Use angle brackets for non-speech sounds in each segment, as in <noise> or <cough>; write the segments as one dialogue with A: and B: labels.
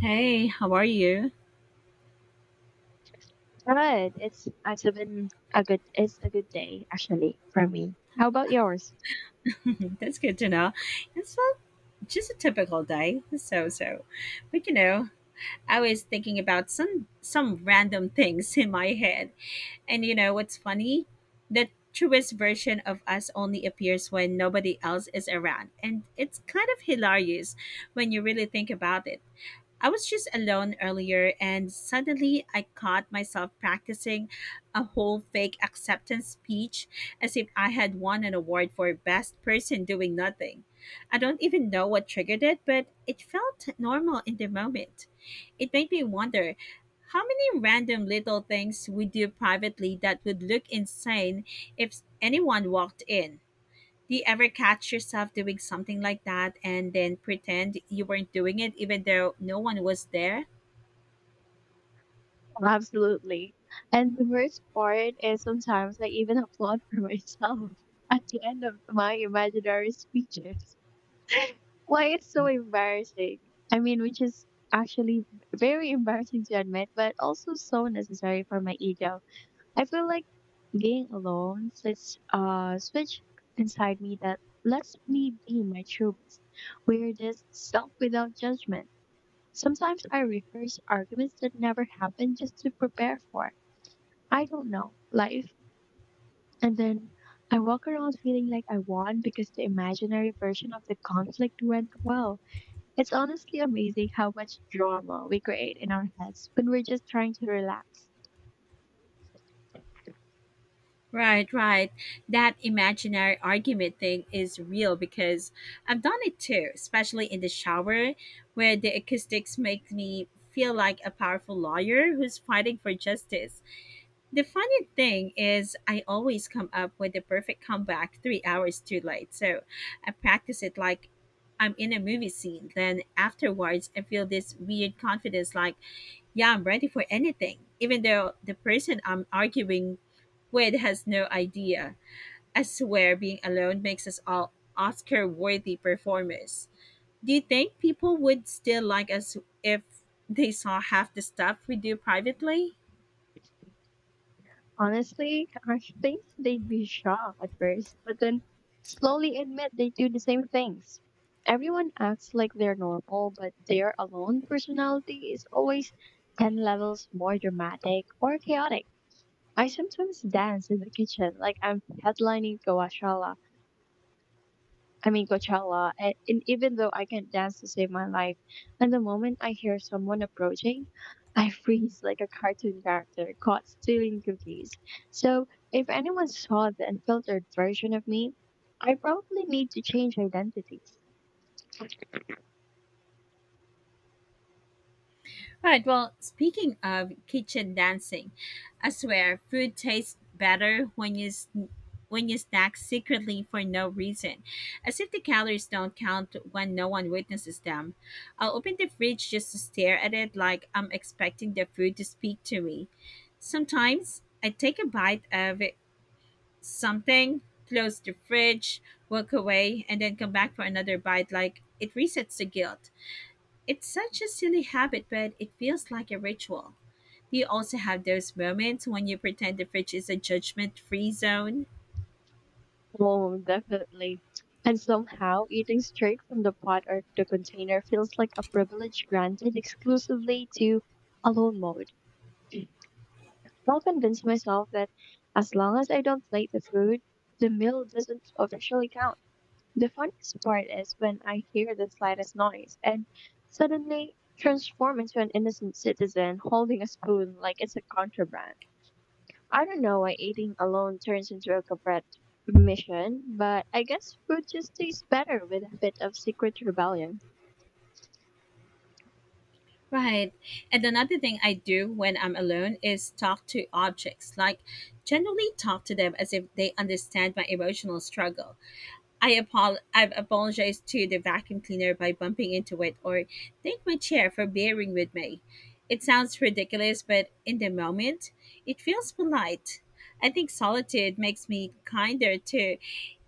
A: Hey, how are you?
B: Good. It's been a good it's a good day actually for me. How about yours?
A: <laughs> That's good to know. It's just a typical day. But you know, I was thinking about some random things in my head, and you know what's funny? The truest version of us only appears when nobody else is around, and it's kind of hilarious when you really think about it. I was just alone earlier, and suddenly I caught myself practicing a whole fake acceptance speech as if I had won an award for best person doing nothing. I don't even know what triggered it, but it felt normal in the moment. It made me wonder how many random little things we do privately that would look insane if anyone walked in. Do you ever catch yourself doing something like that and then pretend you weren't doing it even though no one was there?
B: Absolutely. And the worst part is sometimes I even applaud for myself <laughs> at the end of my imaginary speeches. Why it's so embarrassing. I mean, which is actually very embarrassing to admit, but also so necessary for my ego. I feel like being alone sits a switch inside me that lets me be my true weirdest self without judgment. Sometimes I rehearse arguments that never happened just to prepare for, I don't know, life. And then I walk around feeling like I won because the imaginary version of the conflict went well. It's honestly amazing how much drama we create in our heads when we're just trying to relax.
A: Right, right. That imaginary argument thing is real because I've done it too, especially in the shower where the acoustics make me feel like a powerful lawyer who's fighting for justice. The funny thing is, I always come up with the perfect comeback 3 hours too late. So I practice it like I'm in a movie scene. Then afterwards, I feel this weird confidence like, yeah, I'm ready for anything, even though the person I'm arguing with has no idea. I swear being alone makes us all Oscar worthy performers. Do you think people would still like us if they saw half the stuff we do privately?
B: Honestly, I think they'd be shocked at first, but then slowly admit they do the same things. Everyone acts like they're normal, but their alone personality is always 10 levels more dramatic or chaotic. I sometimes dance in the kitchen like I'm headlining Gawashala, I mean Coachella, and even though I can dance to save my life, and the moment I hear someone approaching, I <laughs> freeze like a cartoon character caught stealing cookies. So if anyone saw the unfiltered version of me, I probably need to change identities.
A: All right. Well, speaking of kitchen dancing, I swear food tastes better when when you snack secretly for no reason, as if the calories don't count when no one witnesses them. I'll open the fridge just to stare at it, like I'm expecting the food to speak to me. Sometimes I take a bite of it- something, close the fridge, walk away, and then come back for another bite, like it resets the guilt. It's such a silly habit, but it feels like a ritual. Do you also have those moments when you pretend the fridge is a judgment free zone?
B: Oh, definitely. And somehow eating straight from the pot or the container feels like a privilege granted exclusively to alone mode. I'll convince myself that as long as I don't plate the food, the meal doesn't officially count. The funniest part is when I hear the slightest noise and suddenly transform into an innocent citizen holding a spoon like it's a contraband. I don't know why eating alone turns into a corporate mission, but I guess food just tastes better with a bit of secret rebellion.
A: Right. And another thing I do when I'm alone is talk to objects, like generally talk to them as if they understand my emotional struggle. I've apologized to the vacuum cleaner by bumping into it or thank my chair for bearing with me. It sounds ridiculous, but in the moment, it feels polite. I think solitude makes me kinder to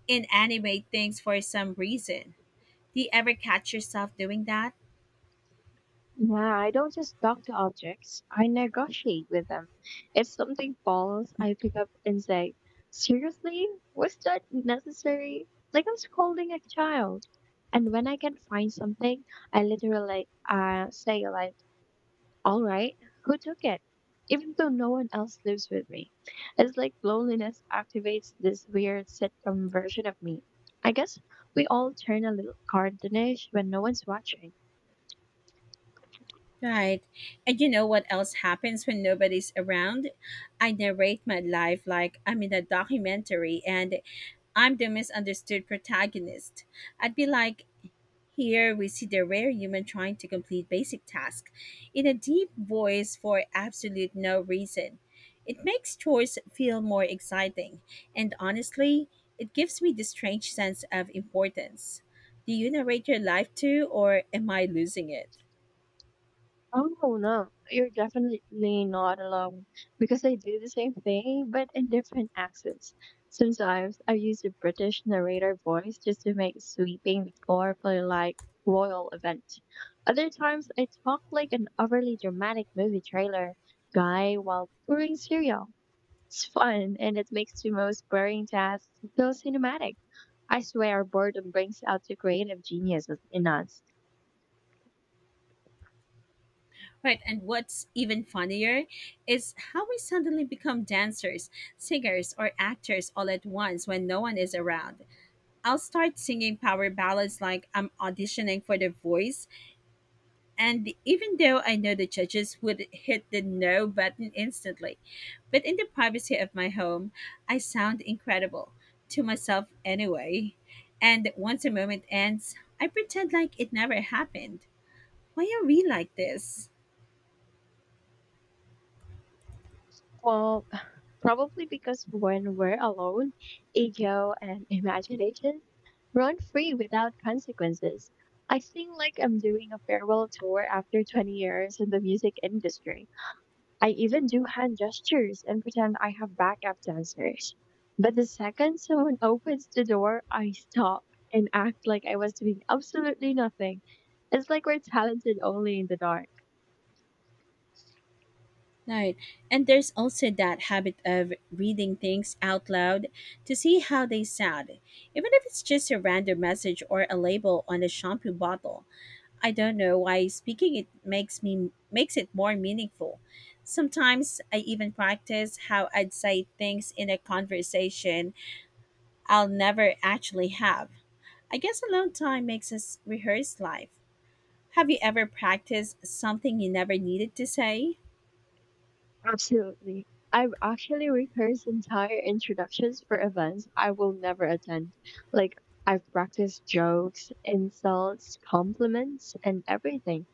A: inanimate things for some reason. Do you ever catch yourself doing that?
B: Yeah, I don't just talk to objects, I negotiate with them. If something falls, I pick up and say, "Seriously? Was that necessary?" Like I am scolding a child. And when I can find something, I literally say like, all right, who took it? Even though no one else lives with me. It's like loneliness activates this weird sitcom version of me. I guess we all turn a little cartoonish when no one's watching.
A: Right. And you know what else happens when nobody's around? I narrate my life like I'm in a documentary and I'm the misunderstood protagonist. I'd be like, here we see the rare human trying to complete basic tasks in a deep voice for absolute no reason. It makes chores feel more exciting, and honestly, it gives me this strange sense of importance. Do you narrate your life too, or am I losing it?
B: Oh no, you're definitely not alone because I do the same thing but in different accents. Sometimes I use a British narrator voice just to make sweeping the floor for like royal event. Other times I talk like an overly dramatic movie trailer guy while pouring cereal. It's fun and it makes the most boring tasks feel cinematic. I swear boredom brings out the creative genius in us.
A: Right, and what's even funnier is how we suddenly become dancers, singers, or actors all at once when no one is around. I'll start singing power ballads like I'm auditioning for The Voice. And even though I know the judges would hit the no button instantly, but in the privacy of my home, I sound incredible to myself anyway. And once a moment ends, I pretend like it never happened. Why are we like this?
B: Well, <laughs> probably because when we're alone, ego and imagination run free without consequences. I feel like I'm doing a farewell tour after 20 years in the music industry. I even do hand gestures and pretend I have backup dancers. But the second someone <laughs> opens the door, I stop and act like I was doing absolutely nothing. It's like we're talented only in the dark.
A: Right. And there's also that habit of reading things out loud to see how they sound, even if it's just a random message or a label on a shampoo bottle. I don't know why speaking it makes it more meaningful. Sometimes I even practice how I'd say things in a conversation I'll never actually have. I guess alone time makes us rehearse life. Have you ever practiced something you never needed to say?
B: Absolutely. I've actually rehearsed entire introductions for events I will never attend. Like, I've practiced jokes, insults, compliments, and everything.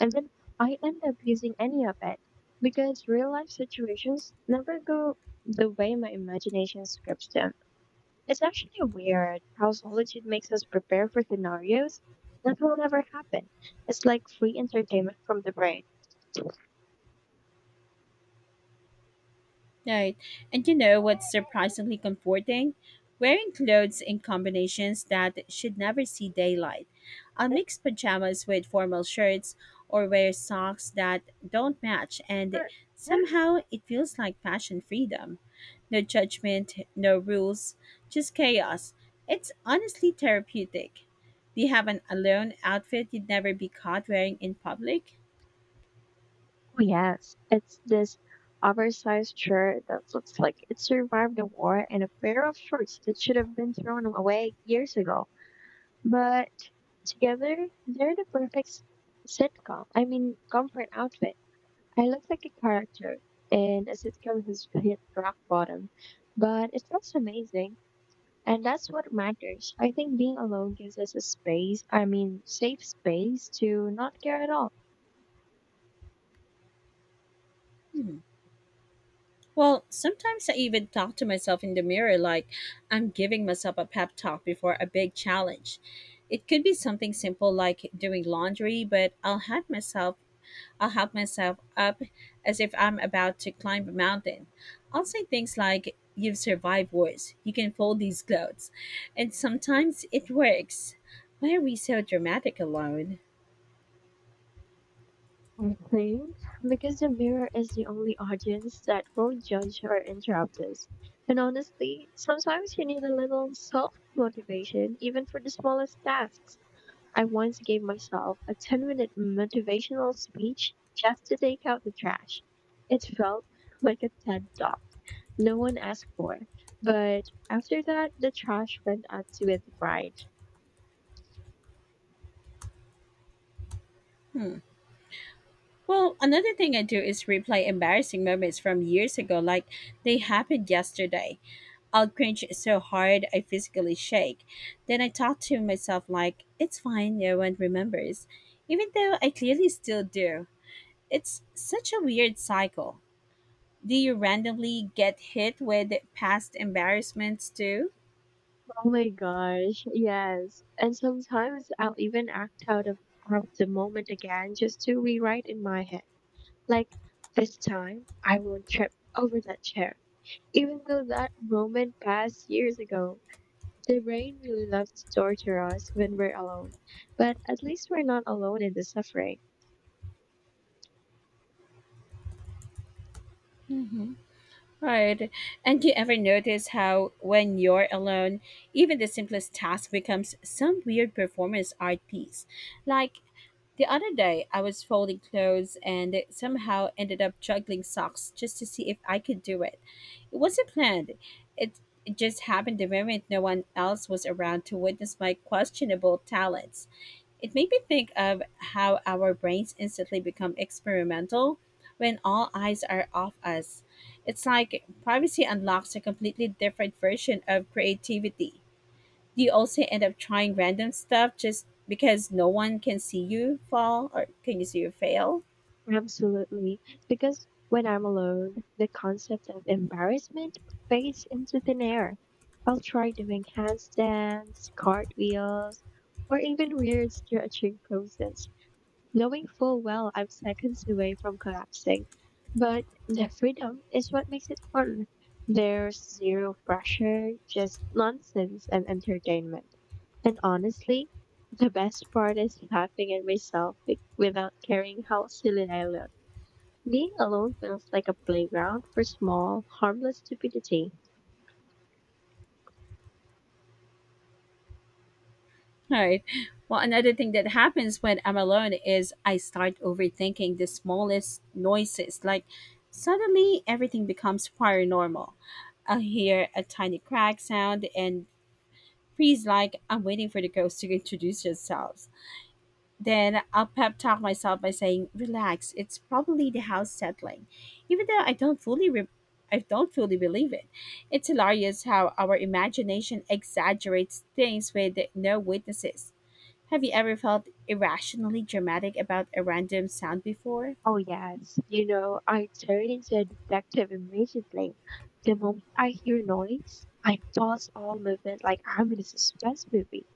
B: And then I end up using any of it because real life situations never go the way my imagination scripts them. It's actually weird how solitude makes us prepare for scenarios that will never happen. It's like free entertainment from the brain.
A: Right. And you know what's surprisingly comforting? Wearing clothes in combinations that should never see daylight. I'll mix pajamas with formal shirts or wear socks that don't match, and
B: <laughs>
A: somehow it feels like fashion freedom. No judgment, no rules, just chaos. It's honestly therapeutic. Do you have an alone outfit you'd never be caught wearing in public?
B: Oh, yes. It's this oversized shirt that looks like it survived a war and a pair of shorts that should have been thrown away years ago. But together, they're the sitcom, I mean, comfort outfit. I look like a character in a sitcom who's hit rock bottom, but it feels amazing. And that's what matters. I think being alone gives us a space, I mean, safe space to not care at all.
A: Hmm. Well, sometimes I even talk to myself in the mirror like I'm giving myself a pep talk before a big challenge. It could be something simple like doing laundry, but I'll help myself up as if I'm about to climb a mountain. I'll say things like you've survived worse. You can fold these clothes. And sometimes it works. Why are we so dramatic alone?
B: I think because the mirror is the only audience that won't judge or interrupt us. And honestly, sometimes you need a little self motivation even for the smallest tasks. I once gave myself a 10-minute motivational speech just to take out the trash. It felt like a TED talk no one asked for. But after that, the trash went out with pride.
A: Hmm. Well, another thing I do is replay embarrassing moments from years ago like they happened yesterday. I'll cringe so hard I physically shake. Then I talk to myself like, it's fine, no one remembers, even though I clearly still do. It's such a weird cycle. Do you randomly get hit with past embarrassments too?
B: Oh my gosh, yes. And sometimes I'll even act out of the moment again just to rewrite in my head. Like, this time I won't trip over that chair. Even though that moment passed years ago, the brain really loves to torture us when we're alone. But at least we're not alone in the suffering.
A: hmm Right. And do you ever notice how, when you're alone, even the simplest task becomes some weird performance art piece? Like the other day, I was folding clothes and somehow ended up juggling socks just to see if I could do it. It wasn't planned. It, it just happened the moment no one else was around to witness my questionable talents. It made me think of how our brains instantly become experimental when all eyes are off us. It's like privacy unlocks a completely different version of creativity. Do you also end up trying random stuff just because no one can see you fall or can you see you fail?
B: Absolutely. Because when I'm alone, the concept of embarrassment fades into thin air. I'll try doing handstands, cartwheels, or even weird stretching poses, knowing full well I'm seconds away from collapsing. But the freedom is what makes it fun. There's zero pressure, just nonsense and entertainment. And honestly, the best part is laughing at myself without caring how silly I look. Being alone feels like a playground for small, harmless stupidity.
A: All right. Well, another thing that happens when I'm alone is I start overthinking the smallest noises. Like suddenly everything becomes paranormal. I'll hear a tiny crack sound and freeze like I'm waiting for the ghost to introduce themselves. Then I'll pep talk myself by saying, "Relax. It's probably the house settling," even though I don't fully believe it. It's hilarious how our imagination exaggerates things with no witnesses. Have you ever felt irrationally dramatic about a random sound before?
B: Oh, yes. You know, I turn into a detective immediately. The moment I hear noise, I pause all movement like I'm in a suspense movie,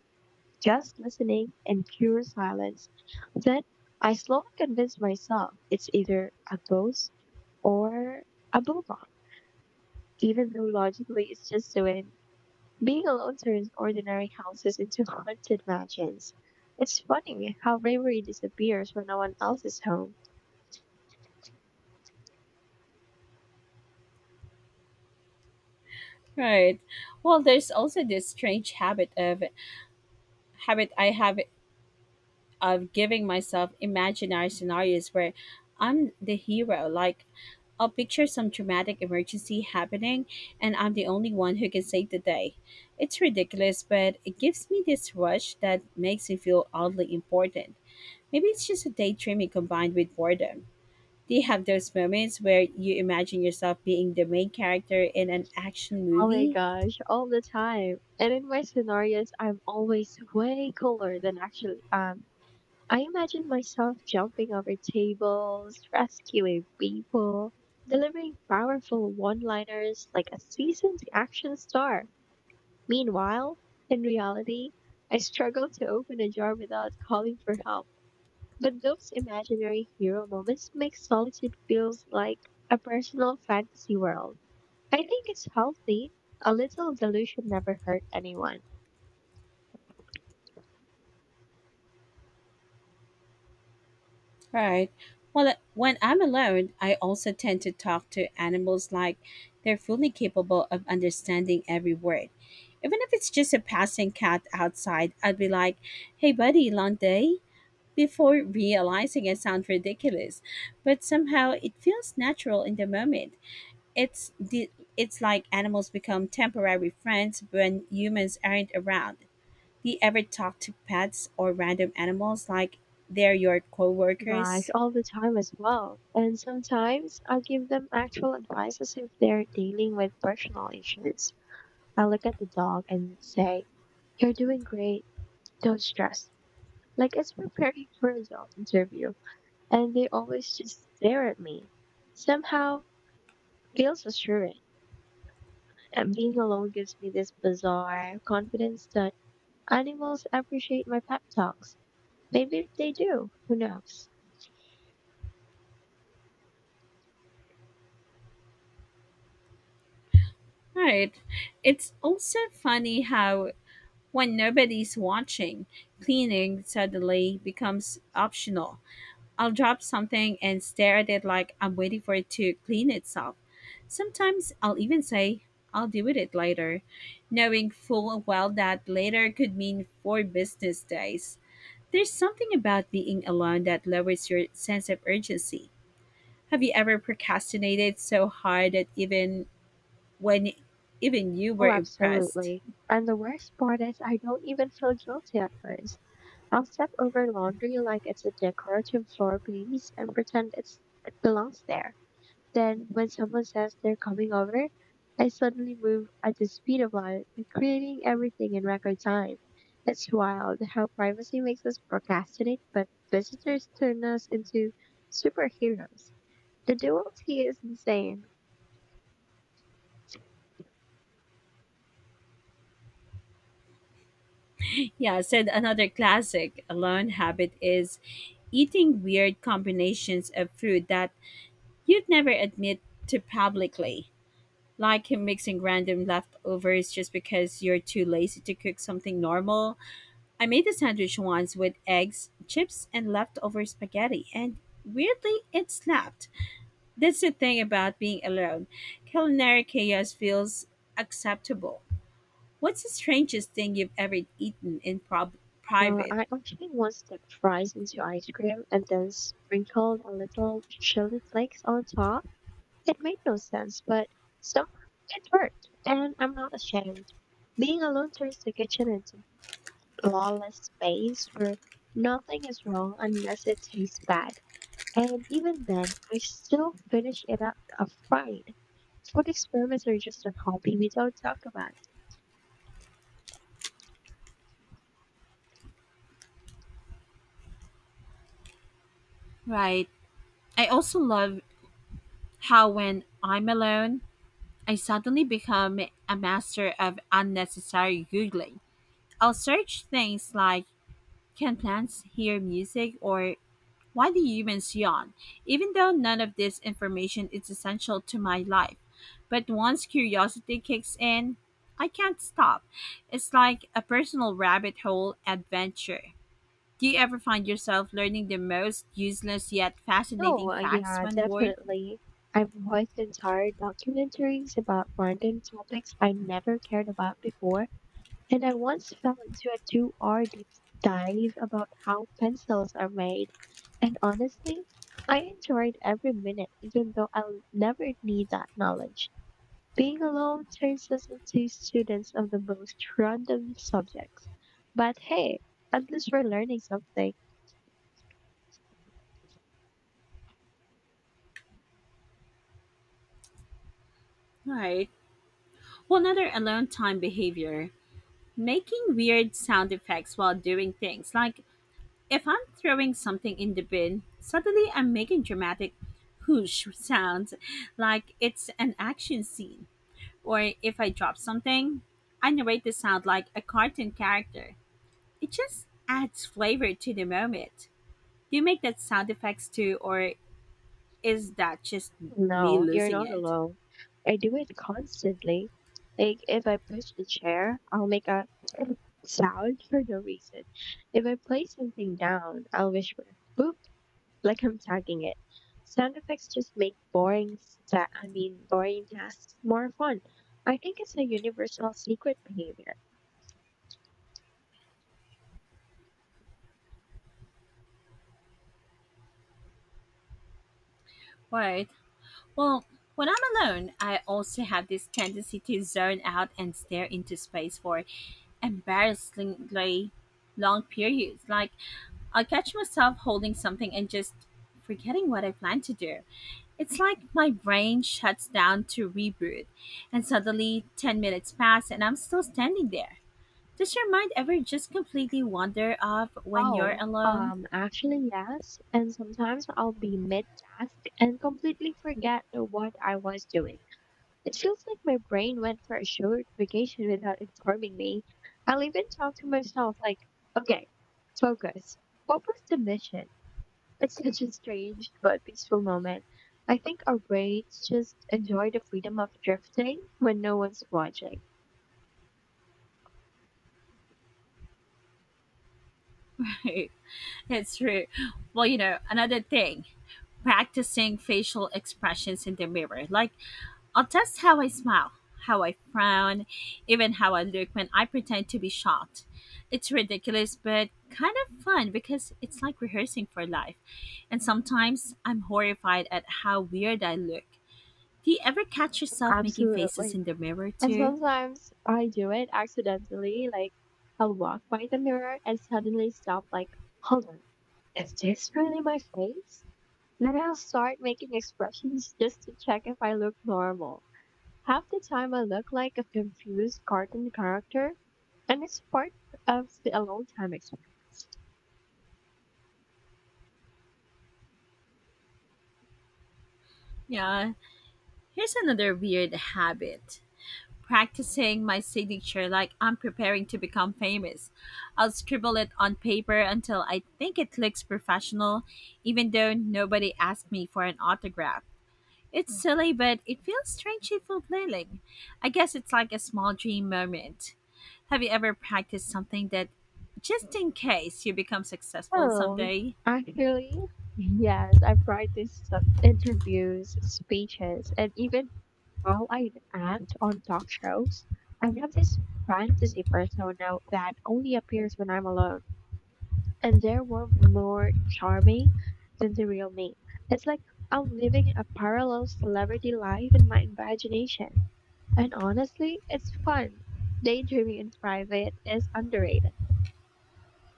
B: just listening in pure silence. Then I slowly convince myself it's either a ghost or a bulldog, even though logically it's just a being alone turns ordinary houses into <laughs> haunted mansions. It's funny how bravery disappears when no one else is home.
A: Right. Well, there's also this strange habit of habit I have of giving myself imaginary scenarios where I'm the hero. Like, I'll picture some dramatic emergency happening and I'm the only one who can save the day. It's ridiculous, but it gives me this rush that makes me feel oddly important. Maybe it's just a daydreaming combined with boredom. Do you have those moments where you imagine yourself being the main character in an action
B: Oh my
A: movie?
B: gosh, all the time. And in my scenarios, I'm always way cooler than actually am. I imagine myself jumping over tables, rescuing people, delivering powerful one liners like a seasoned action star. Meanwhile, in reality, I struggle to open a jar without calling for help. But those imaginary hero moments make solitude feels like a personal fantasy world. I think it's healthy. A little delusion never hurt anyone.
A: Right. Well, when I'm alone, I also tend to talk to animals like they're fully capable of understanding every word. Even if it's just a passing cat outside, I'd be like, hey, buddy, long day? Before realizing I sound ridiculous. But somehow it feels natural in the moment. It's, the, it's like animals become temporary friends when humans aren't around. Do you ever talk to pets or random animals like they're your
B: Gosh,
A: coworkers?
B: all the time as well. And sometimes I give them actual advice as if they're dealing with personal issues. I look at the dog and say, "You're doing great. Don't stress." Like it's preparing for a job interview. And they always just stare at me. Somehow feels assuring. And being alone gives me this bizarre confidence that animals appreciate my pep talks. Maybe they do. Who knows?
A: Right. It's also funny how, when nobody's watching, cleaning suddenly becomes optional. I'll drop something and stare at it like I'm waiting for it to clean itself. Sometimes I'll even say, I'll deal with it later, knowing full well that later could mean four business days. There's something about being alone that lowers your sense of urgency. Have you ever procrastinated so hard that when even you were
B: Oh,
A: impressed.
B: absolutely. And the worst part is I don't even feel guilty at first. I'll step over laundry like it's a decorative floor piece and pretend it belongs there. Then, when someone says they're coming over, I suddenly move at the speed of light, creating everything in record time. It's wild how privacy makes us procrastinate, but visitors turn us into superheroes. The duality is insane.
A: Yeah, said another classic alone habit is eating weird combinations of food that you'd never admit to publicly. Like mixing random leftovers just because you're too lazy to cook something normal. I made a sandwich once with eggs, chips, and leftover spaghetti, and weirdly, it snapped. That's the thing about being alone. Culinary chaos feels acceptable. What's the strangest thing you've ever eaten private?
B: I actually once dipped fries into ice cream and then sprinkled a little chili flakes on top. It made no sense, but somehow it worked, and I'm not ashamed. Being alone turns the kitchen into lawless space where nothing is wrong unless it tastes bad. And even then, I still finish it out afraid. Food experiments are just a hobby we don't talk about.
A: Right. I also love how when I'm alone, I suddenly become a master of unnecessary Googling. I'll search things like can plants hear music or why do humans yawn, even though none of this information is essential to my life. But once curiosity kicks in, I can't stop. It's like a personal rabbit hole adventure. Do you ever find yourself learning the most useless yet
B: No,
A: fascinating facts
B: Yeah,
A: when bored?
B: definitely. I've watched entire documentaries about random topics I never cared about before. And I once fell into a 2 hour deep dive about how pencils are made. And honestly, I enjoyed every minute, even though I'll never need that knowledge. Being alone turns us into students of the most random subjects. But hey, at least we're learning something.
A: Right. Well, another alone time behavior making weird sound effects while doing things. Like if I'm throwing something in the bin, suddenly I'm making dramatic whoosh sounds like it's an action scene. Or if I drop something, I narrate the sound like a cartoon character. It just adds flavor to the moment. Do you make that sound effects too, or is that just me
B: No, you're
A: losing
B: not
A: it?
B: alone. I do it constantly. Like, if I push a chair, I'll make a sound for no reason. If I place something down, I'll whisper, boop, like I'm tagging it. Sound effects just make I mean boring tasks more fun. I think it's a universal secret behavior.
A: Right. Well, when I'm alone, I also have this tendency to zone out and stare into space for embarrassingly long periods. Like, I'll catch myself holding something and just forgetting what I plan to do. It's like my brain shuts down to reboot, and suddenly 10 minutes pass and I'm still standing there. Does your mind ever just completely wander off when you're
B: Oh,
A: alone?
B: actually yes, and sometimes I'll be mid task and completely forget what I was doing. It feels like my brain went for a short vacation without informing me. I'll even talk to myself like, okay, focus. What was the mission? It's such a strange but peaceful moment. I think our brains just enjoy the freedom of drifting when no one's watching.
A: <laughs> It's true. Well, you know, another thing, practicing facial expressions in the mirror. Like, I'll test how I smile, how I frown, even how I look when I pretend to be shocked. It's ridiculous, but kind of fun because it's like rehearsing for life. And sometimes I'm horrified at how weird I look. Do you ever catch yourself making faces
B: Absolutely.
A: in the mirror
B: And
A: too?
B: sometimes I do it accidentally, like I'll walk by the mirror and suddenly stop like, hold on, is this really my face? Then I'll start making expressions just to check if I look normal. Half the time I look like a confused cartoon character, and it's part of the alone time experience.
A: Yeah. Here's another weird habit, practicing my signature like I'm preparing to become famous. I'll scribble it on paper until I think it looks professional, even though nobody asked me for an autograph. It's silly, but it feels strangely fulfilling. I guess it's like a small dream moment. Have you ever practiced something that just in case you become successful
B: Well,
A: someday?
B: actually, yes, I practice some interviews, speeches, and even how I act on talk shows. I have this fantasy persona that only appears when I'm alone, and there were more charming than the real me. It's like I'm living a parallel celebrity life in my imagination. And honestly, it's fun. Daydreaming in private is underrated.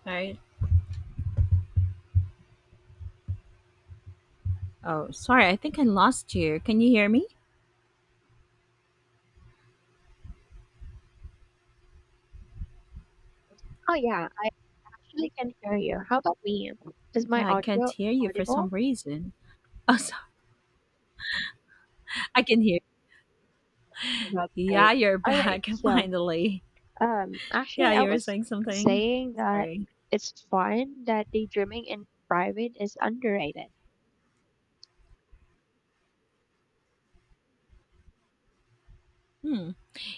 A: Right. Oh, sorry. I think I lost you. Can you hear me?
B: Oh yeah, I can hear you. How about me? Is my
A: Yeah, I can't
B: audio
A: hear you for some
B: audible?
A: reason. <laughs> Oh, so I can hear.
B: Oh, that's
A: Yeah,
B: great.
A: you're
B: All right.
A: back <laughs>
B: So,
A: finally.
B: actually,
A: Yeah,
B: I
A: you were
B: was
A: saying something.
B: saying that
A: Sorry.
B: it's fun that daydreaming in private is underrated.
A: Hmm.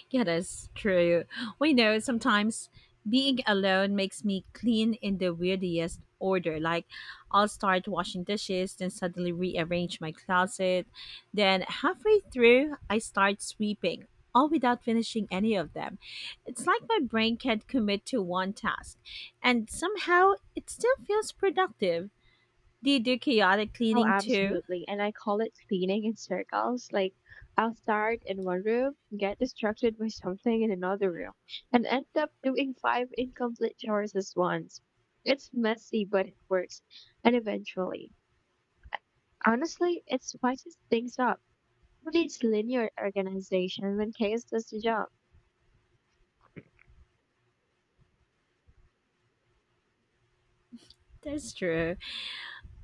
A: Yeah, that's true. We know sometimes being alone makes me clean in the weirdest order. Like, I'll start washing dishes, then suddenly rearrange my closet. Then, halfway through, I start sweeping, all without finishing any of them. It's like my brain can't commit to one task, and somehow it still feels productive. Do you do chaotic
B: Oh,
A: cleaning too?
B: absolutely. And I call it spinning in circles. Like, I'll start in one room, get distracted by something in another room, and end up doing five incomplete choices once. It's messy, but it works. And eventually, honestly, it spices things up. Who needs linear organization when chaos does the job?
A: That's true.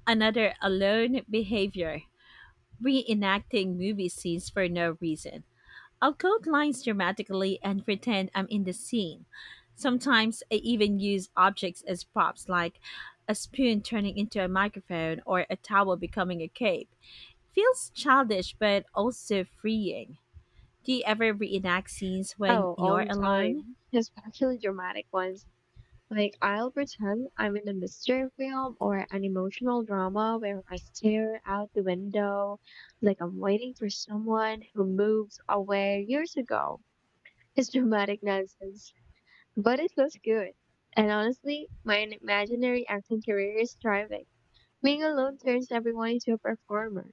A: Another alone behavior, reenacting movie scenes for no reason. I'll quote lines dramatically and pretend I'm in the scene. Sometimes I even use objects as props, like a spoon turning into a microphone or a towel becoming a cape. Feels childish but also freeing. Do you ever reenact scenes when
B: Oh, all
A: you're
B: the
A: alone?
B: time. <laughs> Especially dramatic ones. Like, I'll pretend I'm in a mystery film or an emotional drama where I stare out the window like I'm waiting for someone who moved away years ago. It's dramatic nonsense, but it looks good. And honestly, my imaginary acting career is thriving. Being alone turns everyone into a performer.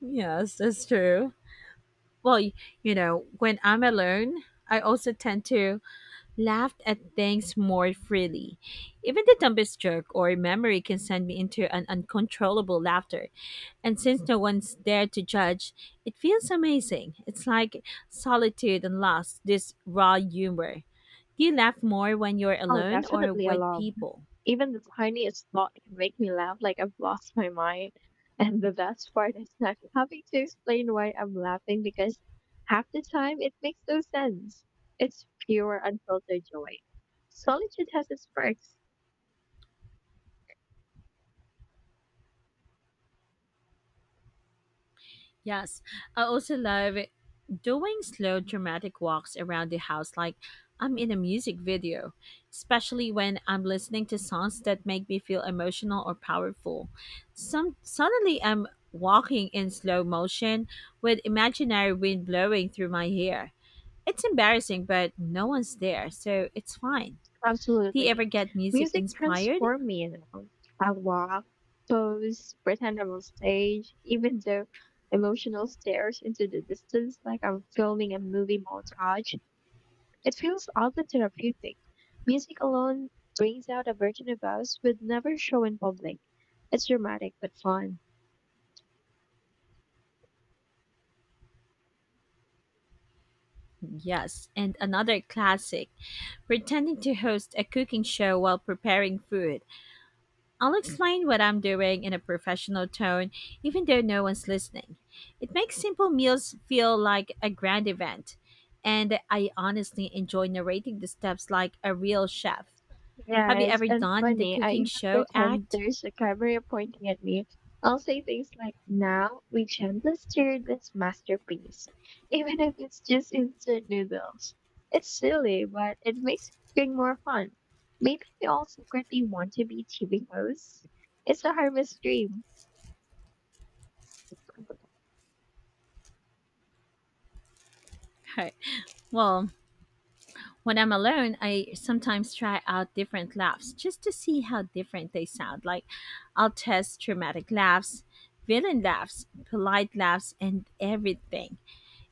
A: Yes, that's true. Well, you know, when I'm alone, I also tend to laughed at things more freely. Even the dumbest joke or memory can send me into an uncontrollable laughter. And since no one's there to judge, it feels amazing. It's like solitude and loss, this raw humor. Do you laugh more when you're
B: Oh,
A: alone or
B: definitely
A: with
B: alone.
A: people?
B: Even the tiniest thought can make me laugh like I've lost my mind. <laughs> And the best part is not having to explain why I'm laughing because half the time it makes no sense. It's pure, unfiltered joy. Solitude has its perks,
A: Yes, I also love doing slow, dramatic walks around the house like I'm in a music video, especially when I'm listening to songs that make me feel emotional or powerful. Some suddenly I'm walking in slow motion with imaginary wind blowing through my hair. It's embarrassing, but no one's there, so it's fine. Do you
B: absolutely.
A: ever get music
B: Music
A: inspired?
B: transforms me, you know. I walk, pose, pretend I'm on stage, even though emotional stares into the distance like I'm filming a movie montage. It feels oddly therapeutic. Music alone brings out a version of us we'd never show in public. It's dramatic but fun.
A: Yes. And another classic, pretending to host a cooking show while preparing food. I'll explain what I'm doing in a professional tone, even though no one's listening. It makes simple meals feel like a grand event, and I honestly enjoy narrating the steps like a real chef. Have you
B: Yes,
A: ever
B: and
A: done the
B: funny. I
A: cooking
B: even
A: show
B: pretend
A: act? <laughs>
B: there's a camera pointing at me. I'll say things like, "Now we gently stir this masterpiece," <laughs> even if it's just instant noodles. It's silly, but it makes cooking more fun. Maybe we all secretly want to be TV hosts. It's a harmless dream.
A: Right. Well, when I'm alone, I sometimes try out different laughs just to see how different they sound. Like, I'll test dramatic laughs, villain laughs, polite laughs, and everything.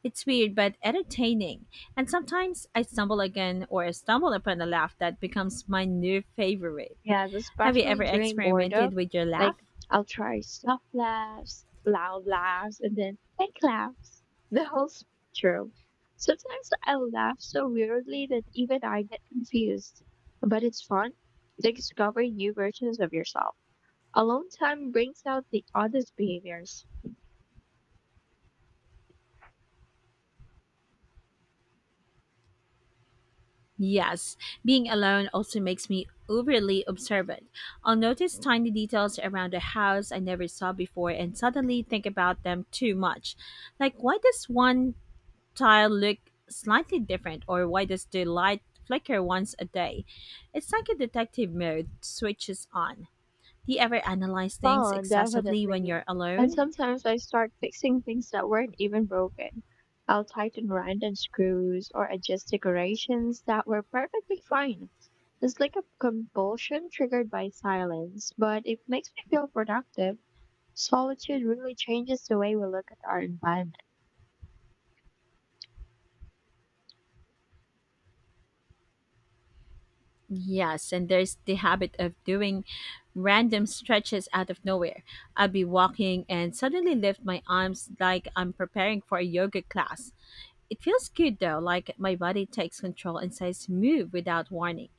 A: It's weird but entertaining, and sometimes I stumble again or stumble upon a laugh that becomes my new favorite.
B: Yeah,
A: Have you
B: especially
A: ever
B: during boredom.
A: experimented with your laugh?
B: Like I'll try soft laughs, loud laughs, and then fake laughs. <laughs> The whole spectrum. Sometimes I laugh so weirdly that even I get confused. But it's fun to discover new versions of yourself. Alone time brings out the oddest behaviors.
A: Yes, being alone also makes me overly observant. I'll notice tiny details around the house I never saw before and suddenly think about them too much. Like, why does one tile look slightly different, or why does the light flicker once a day? It's like a detective mode switches on. Do you ever analyze things
B: Oh,
A: excessively when
B: definitely.
A: you're
B: And
A: alone?
B: sometimes I start fixing things that weren't even broken. I'll tighten random screws or adjust decorations that were perfectly fine. It's like a compulsion triggered by silence, but it makes me feel productive. Solitude really changes the way we look at our environment.
A: Yes, and there's the habit of doing random stretches out of nowhere. I'll be walking and suddenly lift my arms like I'm preparing for a yoga class. It feels good though, like my body takes control and says move without warning.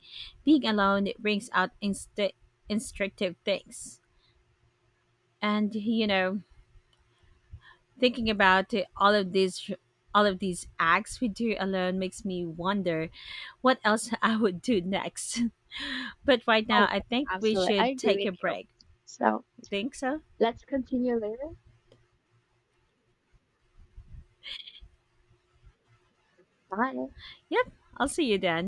A: Being alone, it brings out instinctive things. And you know, thinking about it, all of these acts we do alone makes me wonder what else <laughs> I would do next. <laughs> But right
B: Oh,
A: now, I
B: yeah,
A: think we
B: absolutely. I
A: should
B: agree
A: take
B: with
A: a
B: you.
A: break.
B: So
A: Think so?
B: let's continue later. Bye.
A: Yep. I'll see you then.